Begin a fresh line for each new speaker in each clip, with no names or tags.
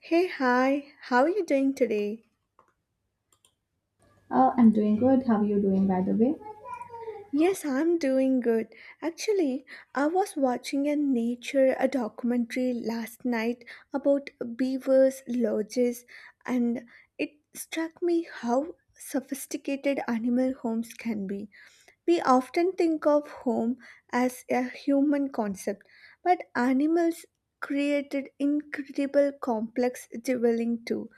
Hey, hi, how are you doing today?
I'm doing good. How are you doing, by the way?
Yes, I'm doing good. Actually, I was watching a documentary last night about beavers' lodges, and it struck me how sophisticated animal homes can be. We often think of home as a human concept, but animals created incredible complex dwelling too.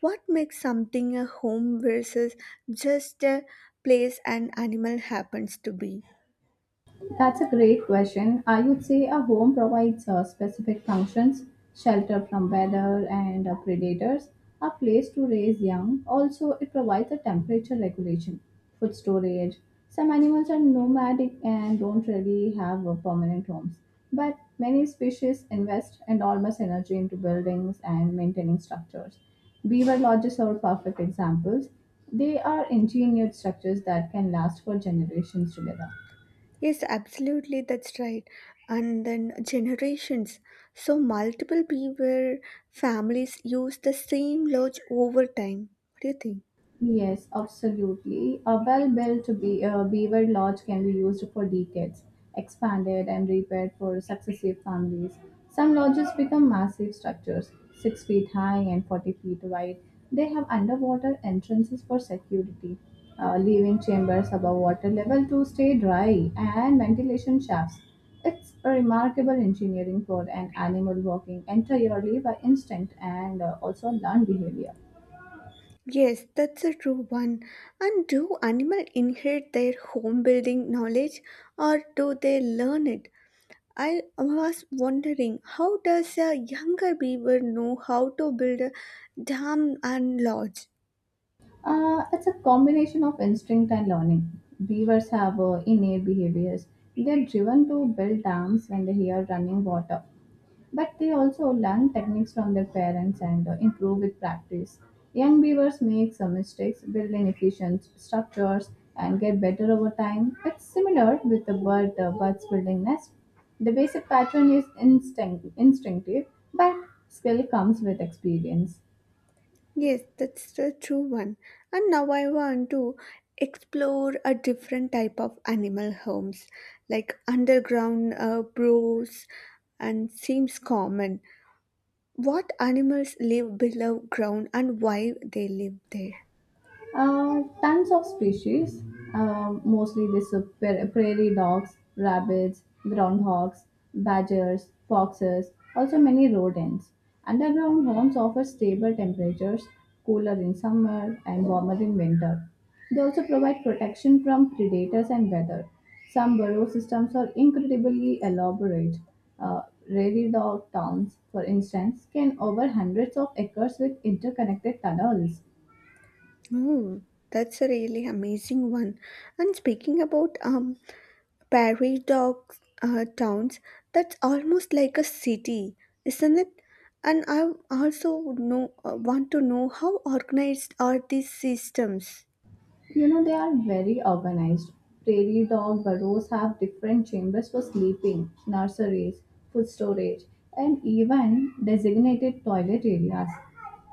What makes something a home versus just a place an animal happens to be?
That's a great question. I would say a home provides specific functions shelter from weather and predators, a place to raise young. Also, it provides a temperature regulation, food storage. Some animals are nomadic and don't really have permanent homes, but many species invest enormous energy into buildings and maintaining structures. Beaver lodges are perfect examples. They are engineered structures that can last for generations together.
Yes, absolutely, that's right. And then generations. So, multiple beaver families use the same lodge over time. What do you think?
Yes, absolutely. A well-built beaver lodge can be used for decades, expanded and repaired for successive families. Some lodges become massive structures, 6 feet high and 40 feet wide. They have underwater entrances for security, living chambers above water level to stay dry, and ventilation shafts. It's a remarkable engineering for an animal working entirely by instinct and also learned behavior.
Yes, that's a true one. And do animals inherit their home building knowledge or do they learn it? I was wondering how does a younger beaver know how to build a dam and lodge?
It's a combination of instinct and learning. Beavers have innate behaviors. They're driven to build dams when they hear running water. But they also learn techniques from their parents and improve with practice. Young beavers make some mistakes, build inefficient structures, and get better over time. It's similar with the birds building nests. The basic pattern is instinct, instinctive, but skill comes with experience.
Yes, that's the true one. And now I want to explore a different type of animal homes, like underground burrows, and seems common. What animals live below ground and why they live there?
Tons of species, mostly these prairie dogs, rabbits, groundhogs, badgers, foxes, also many rodents. Underground homes offer stable temperatures, cooler in summer and warmer in winter. They also provide protection from predators and weather. Some burrow systems are incredibly elaborate. Uh, Prairie dog towns, for instance, can cover hundreds of acres with interconnected tunnels.
Oh, that's a really amazing one. And speaking about Prairie dog towns, that's almost like a city, isn't it? And I also would want to know how organized are these systems.
You know, they are very organized. Prairie dog burrows have different chambers for sleeping, nurseries, food storage, and even designated toilet areas.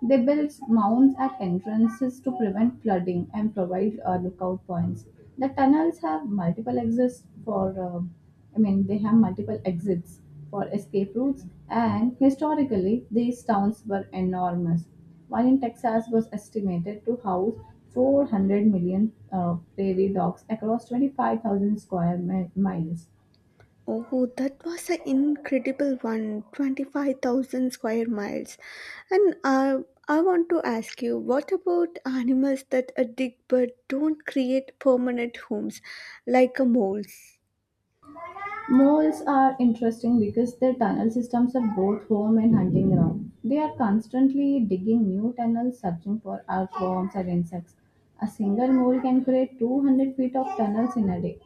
They build mounds at entrances to prevent flooding and provide lookout points. The tunnels have multiple they have multiple exits for escape routes, and historically, these towns were enormous. One in Texas was estimated to house 400 million prairie dogs across 25,000 square miles.
Oh, that was an incredible one—25,000 square miles. And I want to ask you, what about animals that dig but don't create permanent homes, like moles?
Moles are interesting because their tunnel systems are both home and hunting ground. They are constantly digging new tunnels, searching for earthworms or insects. A single mole can create 200 feet of tunnels in a day.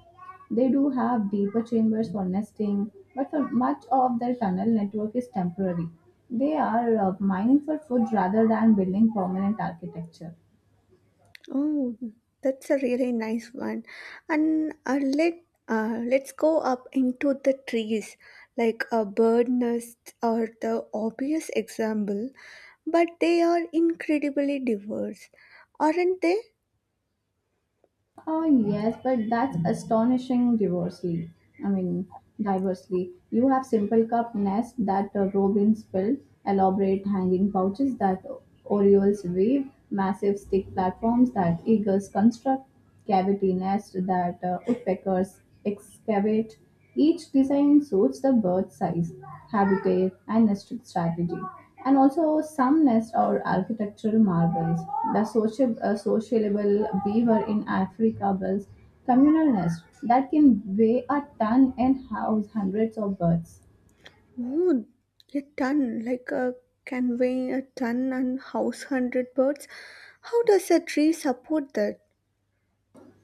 They do have deeper chambers for nesting, but for much of their tunnel network is temporary. They are mining for food rather than building permanent architecture.
Oh, that's a really nice one. And let's go up into the trees, like a bird nest are the obvious example, but they are incredibly diverse, aren't they?
Oh yes, but that's astonishing diversely. I mean, diversely. You have simple cup nests that robins build, elaborate hanging pouches that orioles weave, massive stick platforms that eagles construct, cavity nests that woodpeckers excavate. Each design suits the bird's size, habitat, and nesting strategy. And also, some nests are architectural marvels. The sociable beaver in Africa builds communal nests that can weigh a ton and house hundreds of birds.
Oh, a ton, like a can weigh a ton and house hundred birds. How does a tree support that?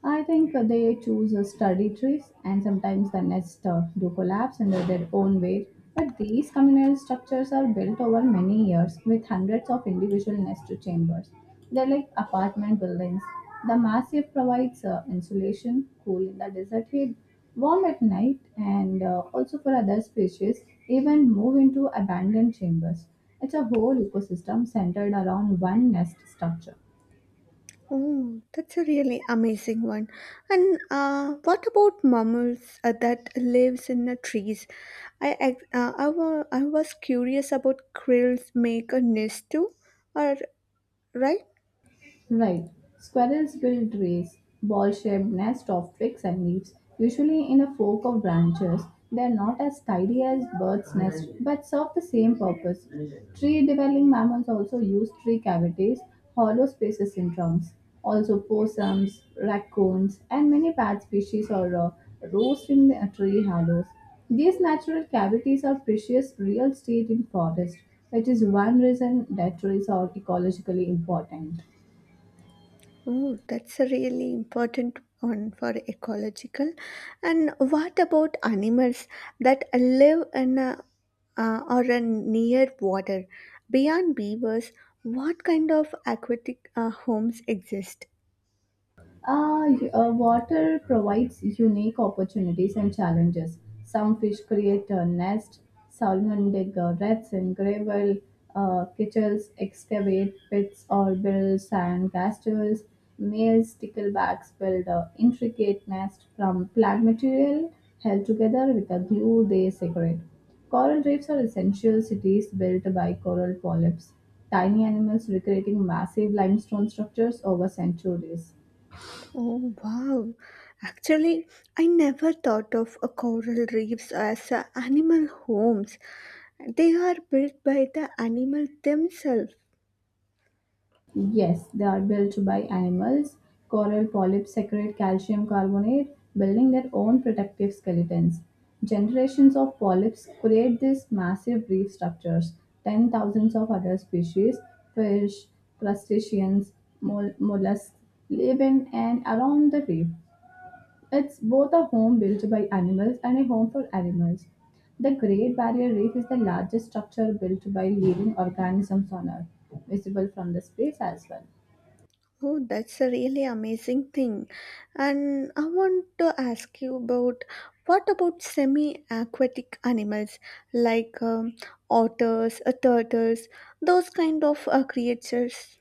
I think they choose study trees and sometimes the nests do collapse under their own weight. But these communal structures are built over many years with hundreds of individual nest chambers. They're like apartment buildings. The massive provides insulation, cool in the desert heat, warm at night, and also for other species, even move into abandoned chambers. It's a whole ecosystem centered around one nest structure.
Oh, that's a really amazing one. And what about mammals that lives in the trees? I ex- I, wa- I was curious about krills make a nest too, or right?
Right. Squirrels build trees, ball shaped nests of twigs and leaves, usually in a fork of branches. They are not as tidy as birds' nests but serve the same purpose. Tree dwelling mammals also use tree cavities, hollow spaces in trunks. Also, possums, raccoons, and many bat species are roost in the tree hollows. These natural cavities are precious real estate in forest, which is one reason that trees are ecologically important.
Oh, that's a really important one for ecological. And what about animals that live in a, or a near water? Beyond beavers, what kind of aquatic homes exist?
Water provides unique opportunities and challenges. Some fish create a nest, salmon dig reds in gravel, kichels excavate pits or build sand castles, male sticklebacks build an intricate nest from plant material held together with a glue they secrete. Coral reefs are essential cities built by coral polyps, tiny animals recreating massive limestone structures over centuries.
Oh wow. Actually, I never thought of a coral reefs as a animal homes. They are built by the animal themselves.
Yes, they are built by animals. Coral polyps secrete calcium carbonate, building their own protective skeletons. Generations of polyps create these massive reef structures. Ten thousands of other species, fish, crustaceans, mollusks, live in and around the reef. It's both a home built by animals and a home for animals. The Great Barrier Reef is the largest structure built by living organisms on Earth, visible from the space as well.
Oh, that's a really amazing thing. And I want to ask you about semi-aquatic animals like otters, turtles, those kind of creatures?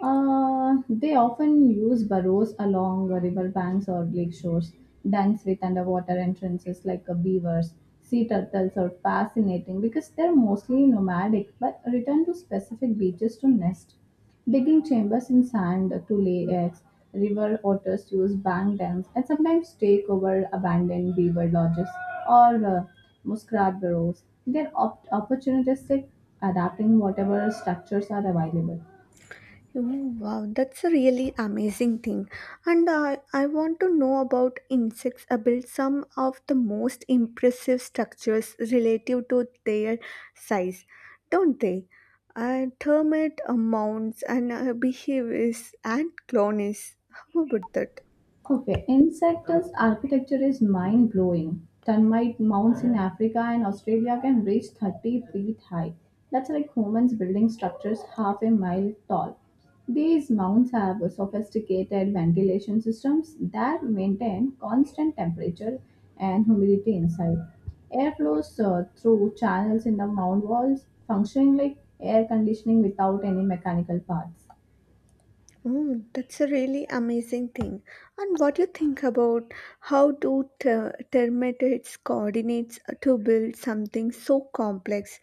They often use burrows along river banks or lake shores, dens with underwater entrances like beavers. Sea turtles are fascinating because they're mostly nomadic but return to specific beaches to nest. Digging chambers in sand to lay eggs, river otters use bank dams and sometimes take over abandoned beaver lodges or muskrat burrows. They're opportunistic, adapting whatever structures are available.
Oh, wow, that's a really amazing thing. And I want to know about insects. I some of the most impressive structures relative to their size, don't they? Termite mounds and beehives and colonies. How about that?
Okay, insect's architecture is mind blowing. Termite mounds in Africa and Australia can reach 30 feet high. That's like humans building structures half a mile tall. These mounds have sophisticated ventilation systems that maintain constant temperature and humidity inside. Air flows through channels in the mound walls, functioning like air conditioning without any mechanical parts.
Oh, that's a really amazing thing. And what do you think about how do termites coordinates to build something so complex?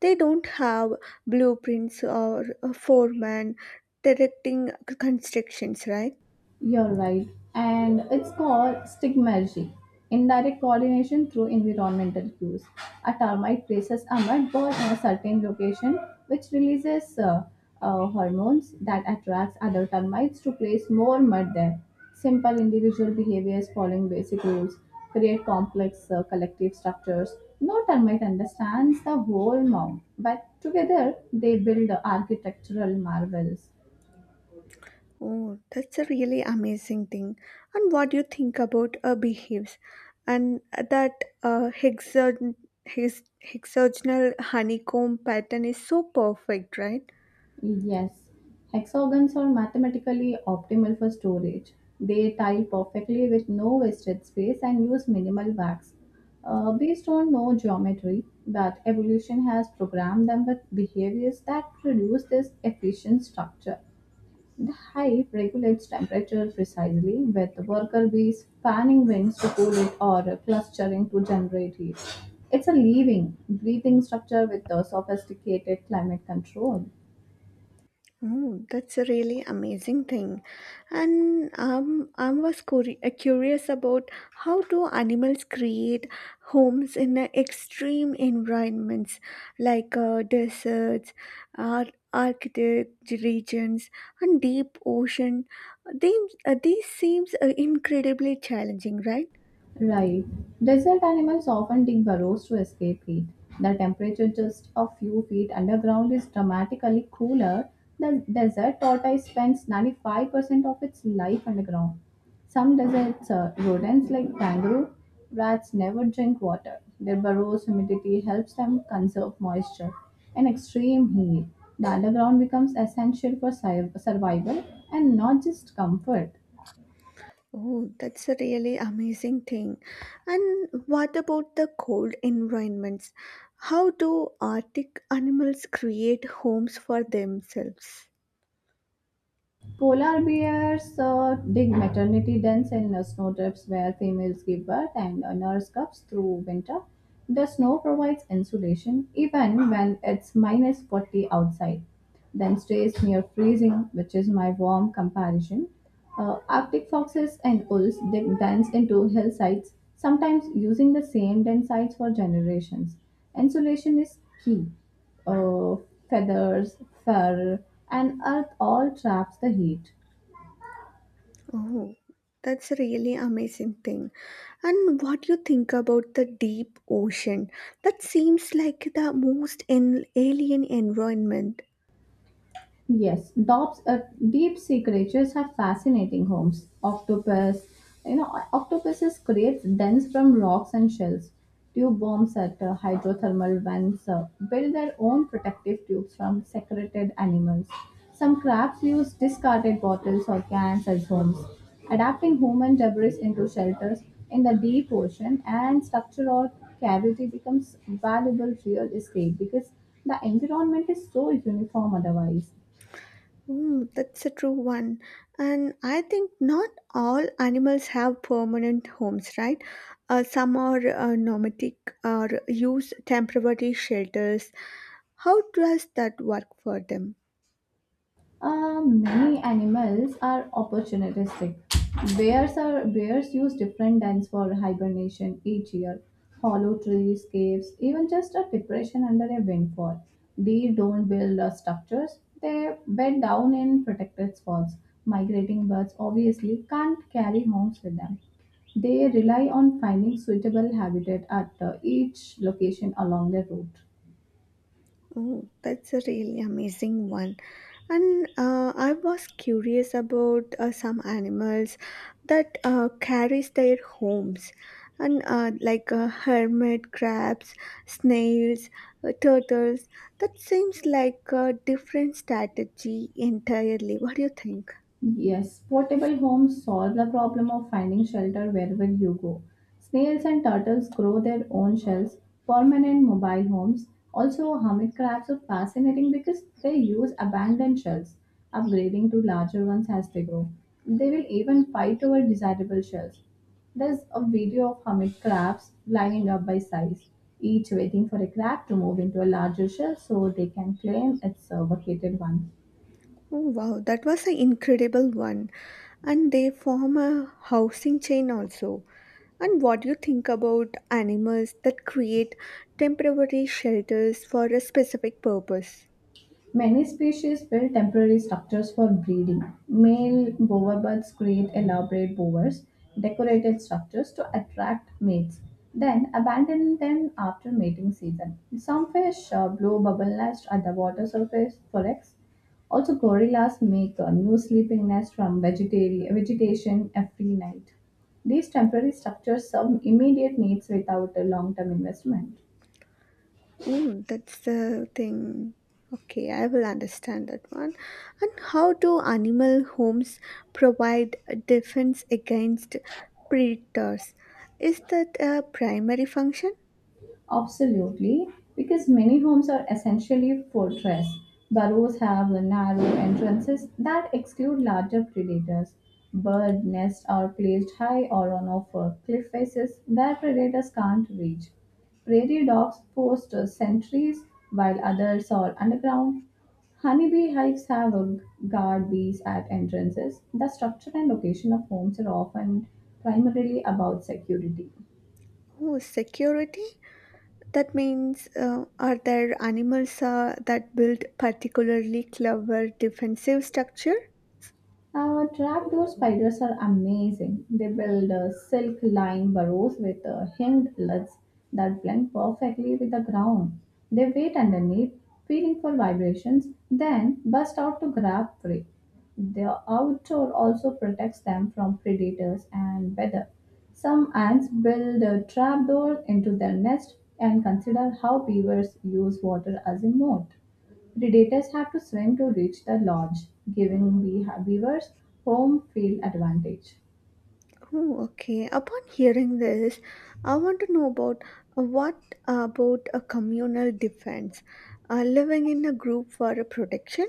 They don't have blueprints or a foreman directing constructions, right?
You're right. And it's called stigmergy, indirect coordination through environmental cues. A termite places a mud ball in a certain location, which releases hormones that attracts other termites to place more mud there. Simple individual behaviors following basic rules create complex collective structures. No termite understands the whole mound, but together they build architectural marvels.
Oh, that's a really amazing thing. And what do you think about beehives and that uh, hexagon- hexagonal honeycomb pattern is so perfect, right?
Yes, hexagons are mathematically optimal for storage. They tile perfectly with no wasted space and use minimal wax. Based on no geometry, but evolution has programmed them with behaviors that produce this efficient structure. The hive regulates temperature precisely, with worker bees fanning wings to cool it or clustering to generate heat. It's a living, breathing structure with the sophisticated climate control.
Oh, that's a really amazing thing. And I was curious about how do animals create homes in extreme environments like deserts, Arctic regions, and deep ocean. They, these seems incredibly challenging, right?
Right. Desert animals often dig burrows to escape heat. The temperature just a few feet underground is dramatically cooler. The desert tortoise spends 95% of its life underground. Some deserts, rodents like kangaroo rats never drink water. Their burrows' humidity helps them conserve moisture. In extreme heat, the underground becomes essential for survival and not just comfort.
Oh, that's a really amazing thing. And what about the cold environments? How do Arctic animals create homes for themselves?
Polar bears dig maternity dens in snowdrifts where females give birth and nurse cubs through winter. The snow provides insulation even when it's minus 40 outside, then stays near freezing, which is my warm comparison. Arctic foxes and wolves dig dens into hillsides, sometimes using the same den sites for generations. Insulation is key uh, feathers, fur, and earth all traps the heat.
Oh, that's a really amazing thing. And what do you think about the deep ocean? That seems like the most an alien environment.
Yes, deep sea creatures have fascinating homes. Octopus, you know, octopuses create dens from rocks and shells. Tube worms at hydrothermal vents build their own protective tubes from secreted animals. Some crabs use discarded bottles or cans as homes, adapting human debris into shelters in the deep ocean. And structure or cavity becomes valuable real estate because the environment is so uniform otherwise.
Mm, that's a true one. And I think not all animals have permanent homes, right? Some are nomadic or use temporary shelters. How does that work for them?
Many animals are opportunistic. Bears use different dens for hibernation each year. Hollow trees, caves, even just a depression under a windfall. They don't build structures. They bed down in protected spots. Migrating birds obviously can't carry homes with them. They rely on finding suitable habitat at each location along their route.
Oh, that's a really amazing one. And I was curious about some animals that carries their homes, and like hermit crabs, snails, turtles. That seems like a different strategy entirely. What do you think?
Yes, portable homes solve the problem of finding shelter wherever you go. Snails and turtles grow their own shells. Permanent mobile homes, also hermit crabs, are fascinating because they use abandoned shells, upgrading to larger ones as they grow. They will even fight over desirable shells. There's a video of hermit crabs lining up by size, each waiting for a crab to move into a larger shell so they can claim its vacated one.
Oh, wow, that was an incredible one. And they form a housing chain also. And what do you think about animals that create temporary shelters for a specific purpose?
Many species build temporary structures for breeding. Male boverbirds create elaborate bowers, decorated structures to attract mates, then abandon them after mating season. Some fish blow bubble nests at the water surface for eggs. Also, gorillas make a new sleeping nest from vegetation every night. These temporary structures serve immediate needs without a long term investment.
Oh, that's the thing. Okay, I will understand that one. And how do animal homes provide a defense against predators? Is that a primary function?
Absolutely, because many homes are essentially fortress. Burrows have narrow entrances that exclude larger predators. Bird nests are placed high or on off cliff faces where predators can't reach. Prairie dogs post sentries while others are underground. Honeybee hives have guard bees at entrances. The structure and location of homes are often primarily about security.
Oh, security? That means, are there animals that build particularly clever defensive structure?
Trapdoor spiders are amazing. They build silk-lined burrows with hinged lids that blend perfectly with the ground. They wait underneath, feeling for vibrations, then burst out to grab prey. The outdoor also protects them from predators and weather. Some ants build a trapdoor into their nest and consider how beavers use water as a moat. Predators have to swim to reach the lodge, giving beavers home field advantage.
Oh, okay. Upon hearing this, I want to know about what about a communal defense? Living in a group for a protection?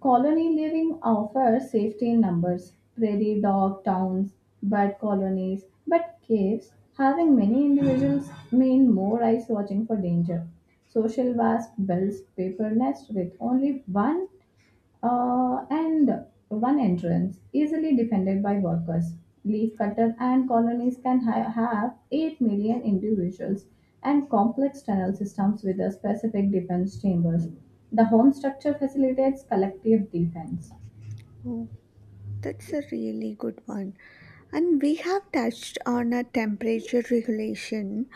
Colony living offers safety in numbers, prairie dog towns, bird colonies, but caves having many individuals mean more eyes watching for danger. Social wasp builds paper nest with only one entrance, easily defended by workers. Leaf cutter and colonies can have 8 million individuals and complex tunnel systems with a specific defense chambers. The home structure facilitates collective defense.
Oh, that's a really good one. And we have touched on a temperature regulation,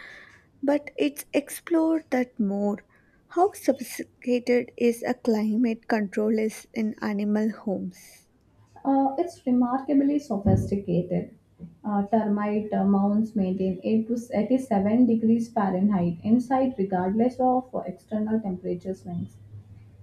but it's explored that more. How sophisticated is a climate control is in animal homes?
It's remarkably sophisticated. Termite mounds maintain 8 to 87 degrees Fahrenheit inside regardless of external temperature swings.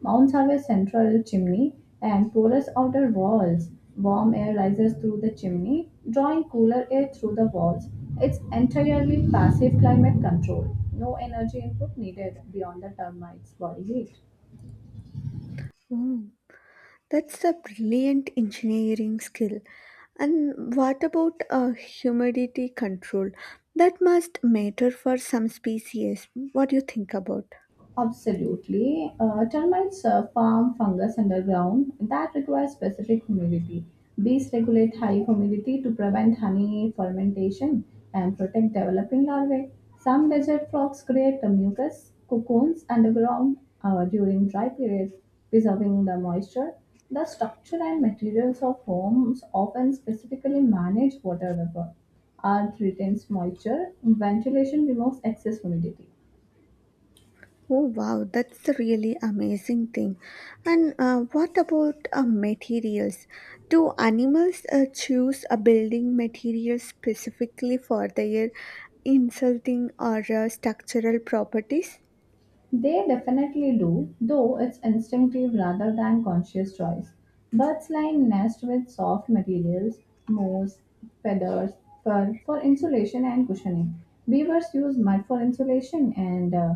Mounds have a central chimney and porous outer walls. Warm air rises through the chimney, drawing cooler air through the walls. It's entirely passive climate control. No energy input needed beyond the termites' body heat.
Oh, that's a brilliant engineering skill. And what about humidity control? That must matter for some species. What do you think about?
Absolutely. Termites farm fungus underground that requires specific humidity. Bees regulate high humidity to prevent honey fermentation and protect developing larvae. Some desert frogs create the mucus cocoons underground during dry period, preserving the moisture. The structure and materials of homes often specifically manage water vapor. Earth retains moisture, ventilation removes excess humidity.
Oh wow, that's a really amazing thing. And what about materials? Do animals choose a building material specifically for their insulting or structural properties?
They definitely do, though it's instinctive rather than conscious choice. Birds line nest with soft materials, moss, feathers, fur for insulation and cushioning. Beavers use mud for insulation and uh,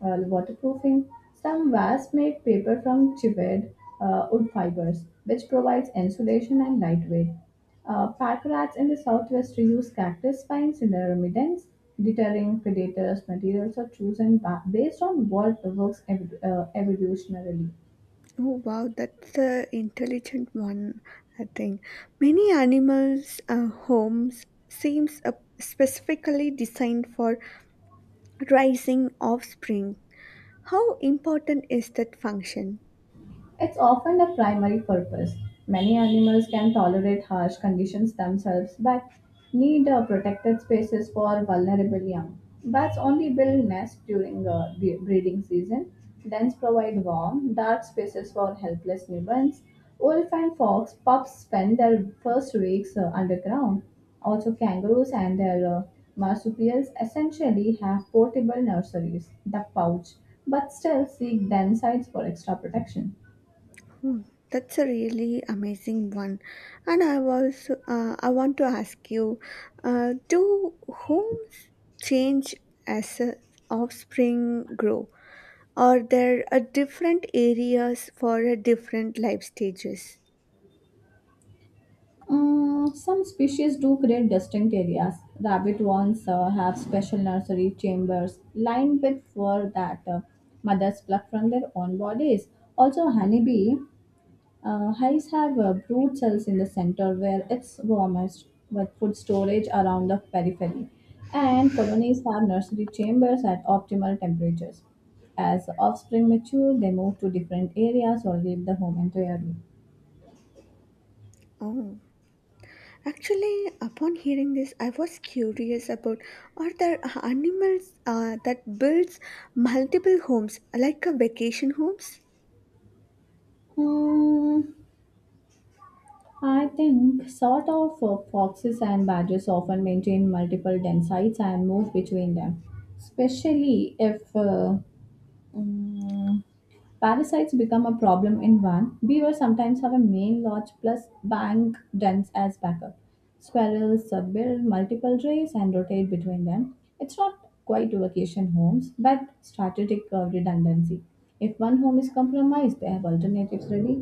uh, waterproofing. Some wasps make paper from chipped wood fibers, which provides insulation and lightweight. Park rats in the southwest use cactus spines in their remedies, deterring predators. Materials are chosen based on what works evolutionarily.
Oh wow, that's an intelligent one. I think many animals' homes seems specifically designed for raising offspring. How important is that function?
It's often the primary purpose. Many animals can tolerate harsh conditions themselves but need protected spaces for vulnerable young. Bats only build nests during the breeding season, then provide warm, dark spaces for helpless newborns. Wolf and fox pups spend their first weeks underground. Also, kangaroos and their marsupials essentially have portable nurseries, the pouch, but still seek den sites for extra protection.
Hmm, That's a really amazing one, and I want to ask you, do homes change as offspring grow? Are there different areas for different life stages?
Mm, some species do create distinct areas. Rabbit wands have special nursery chambers lined with fur that mothers pluck from their own bodies. Also, honeybee hives have brood cells in the center where it's warmest, with food storage around the periphery. And colonies have nursery chambers at optimal temperatures. As offspring mature, they move to different areas or leave the home entirely.
Oh, actually, upon hearing this, I was curious about are there animals that builds multiple homes like a vacation homes?
Hmm. I think sort of foxes and badgers often maintain multiple den sites and move between them, especially if mm, parasites become a problem in one. Beavers sometimes have a main lodge plus bank dens as backup. Squirrels build multiple trays and rotate between them. It's not quite vacation homes, but strategic redundancy. If one home is compromised, they have alternatives ready.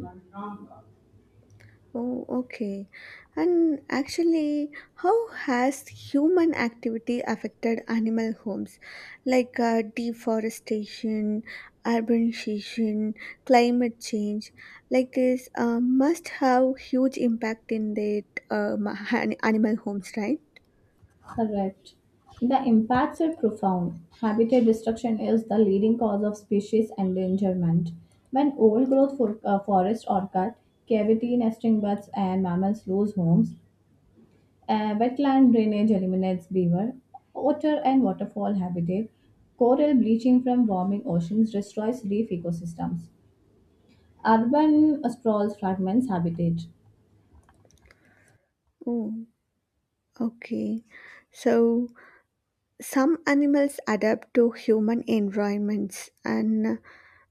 Oh, okay. And actually, how has human activity affected animal homes like deforestation, urbanization, climate change? Like this must have huge impact in the animal homes, right?
Correct. The impacts are profound. Habitat destruction is the leading cause of species endangerment. When old growth forests are cut, cavity nesting birds and mammals lose homes. Wetland drainage eliminates beaver, otter and waterfall habitat. Coral bleaching from warming oceans destroys reef ecosystems. Urban sprawls fragments habitat.
Oh, okay. So some animals adapt to human environments and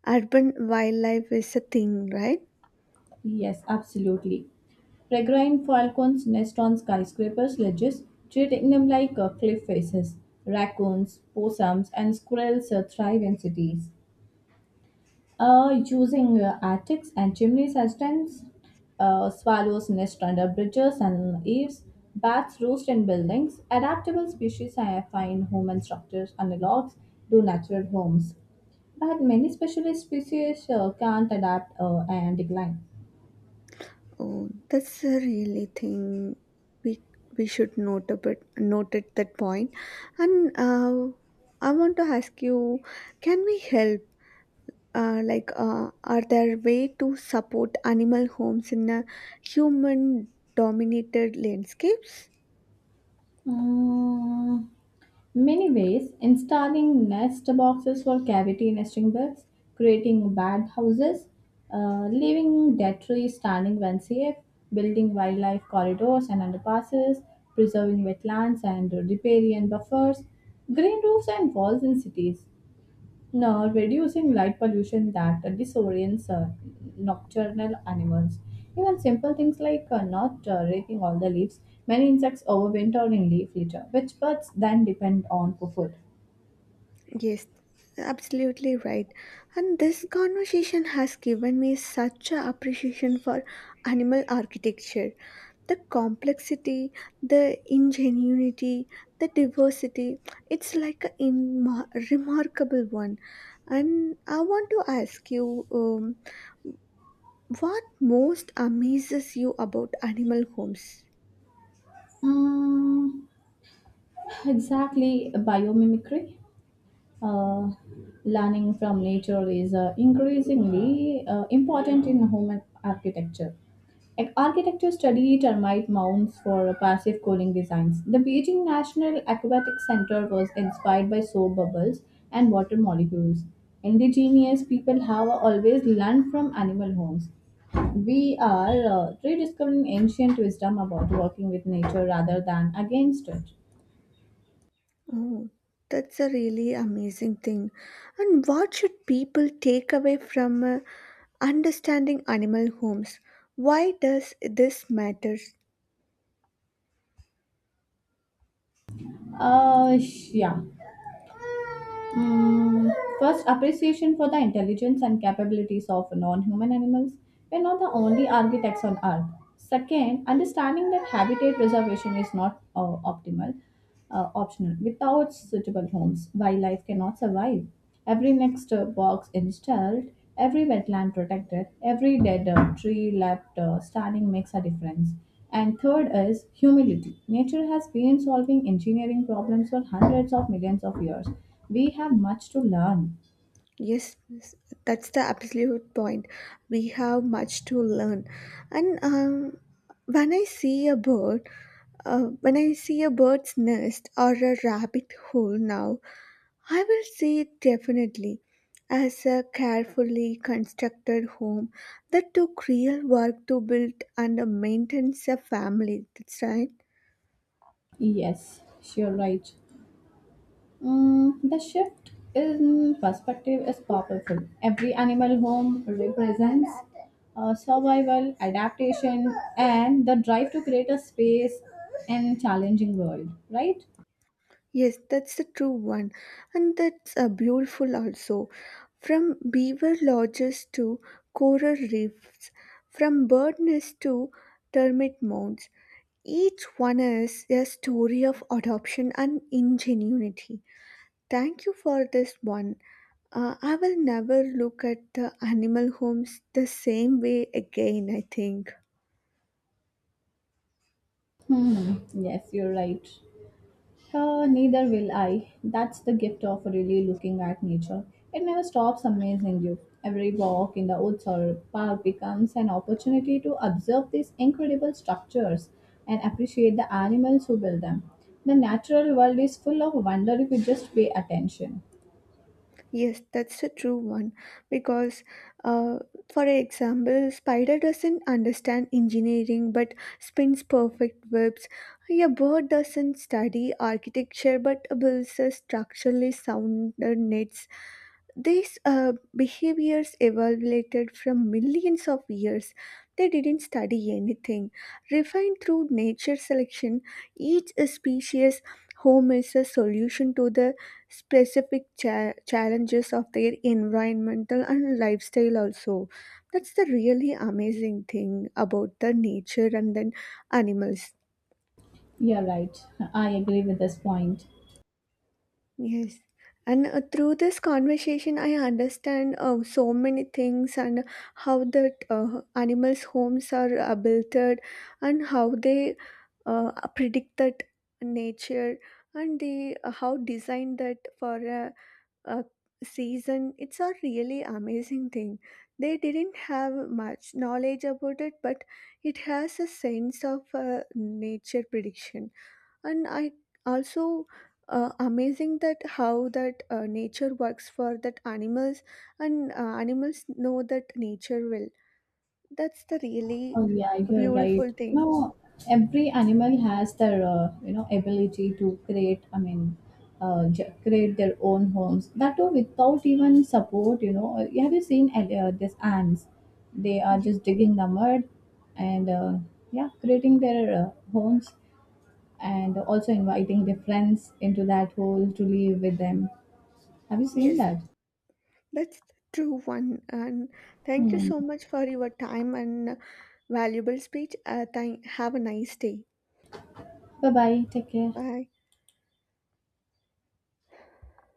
urban wildlife is a thing, right?
Yes, absolutely. Peregrine falcons nest on skyscrapers, ledges, treating them like cliff faces. Raccoons, possums, and squirrels thrive in cities, using attics and chimneys as tents. Swallows nest under bridges and eaves. Bats roost in buildings. Adaptable species I find human structures analogs to natural homes, but many specialist species can't adapt and decline.
Oh, that's a really thing we we should note a bit note at that point. And I want to ask you, can we help? Like, are there way to support animal homes in a human-dominated landscapes?
Mm. Many ways, installing nest boxes for cavity nesting birds, creating bad houses, leaving dead trees standing when safe, building wildlife corridors and underpasses, preserving wetlands and riparian buffers, green roofs and walls in cities. Now, reducing light pollution that disorients nocturnal animals. Even simple things like not raking all the leaves. Many insects overwinter in leaf litter, which birds then depend on for food.
Yes, absolutely right. And this conversation has given me such a appreciation for animal architecture the complexity, the ingenuity, the diversity. It's like a remarkable one. And I want to ask you what most amazes you about animal homes?
Mm, exactly, biomimicry. Uh, Learning from nature is increasingly important in human architecture. Like, architecture study termite mounds for passive cooling designs. The Beijing National Aquatic Center was inspired by soap bubbles and water molecules. Indigenous people have always learned from animal homes. We are rediscovering ancient wisdom about working with nature rather than against it.
Oh, that's a really amazing thing. And what should people take away from understanding animal homes? Why does this matter?
Yeah. Mm, first, appreciation for the intelligence and capabilities of non human animals. We're not the only architects on Earth. Second, understanding that habitat preservation is not optimal, optional. Without suitable homes, wildlife cannot survive. Every next box installed, every wetland protected, every dead tree left standing makes a difference. And third is humility. Nature has been solving engineering problems for hundreds of millions of years. We have much to learn.
Yes, yes, that's the absolute point. We have much to learn. And when I see a bird, when I see a bird's nest or a rabbit hole now, I will see it definitely as a carefully constructed home that took real work to build and maintain a family. That's right.
Yes, sure, right. Mm, the shift in perspective is powerful. Every animal home represents survival, adaptation, and the drive to create a space in challenging world. Right?
Yes, that's the true one, and that's beautiful also. From beaver lodges to coral reefs, from bird nests to termite mounds, each one is a story of adoption and ingenuity. Thank you for this one. I will never look at the animal homes the same way again, I think.
Hmm. Yes, you're right. Neither will I. That's the gift of really looking at nature. It never stops amazing you. Every walk in the woods or park becomes an opportunity to observe these incredible structures and appreciate the animals who build them. The natural world is full of wonder if you just pay attention.
Yes, that's a true one. Because, uh, for example, spider doesn't understand engineering but spins perfect webs. A bird doesn't study architecture but builds a structurally sound nets. These behaviors evolved from millions of years. They didn't study anything. Refined through nature selection, each species home is a solution to the specific challenges of their environmental and lifestyle. Also, that's the really amazing thing about the nature and then animals.
You're right. I agree with this point.
Yes. And through this conversation, I understand so many things and how that animals' homes are built and how they uh, predict that nature, and they how design that for a season. It's a really amazing thing. They didn't have much knowledge about it, but it has a sense of nature prediction, and I also amazing that how that nature works for that animals and animals know that nature will. That's the really
Oh yeah, you're right.
beautiful
You
thing.
know, every animal has their ability to create. I mean, create their own homes. That too without even support. Have you seen these ants? They are
Ye-
just digging the mud, and yeah, creating their homes, and also inviting their friends into that hole to live with them. Have you seen
yes
that?
that's the true one and thank you
Hmm.
so much for your time and valuable speech. Have a nice day.
Bye bye. Take care.
Bye.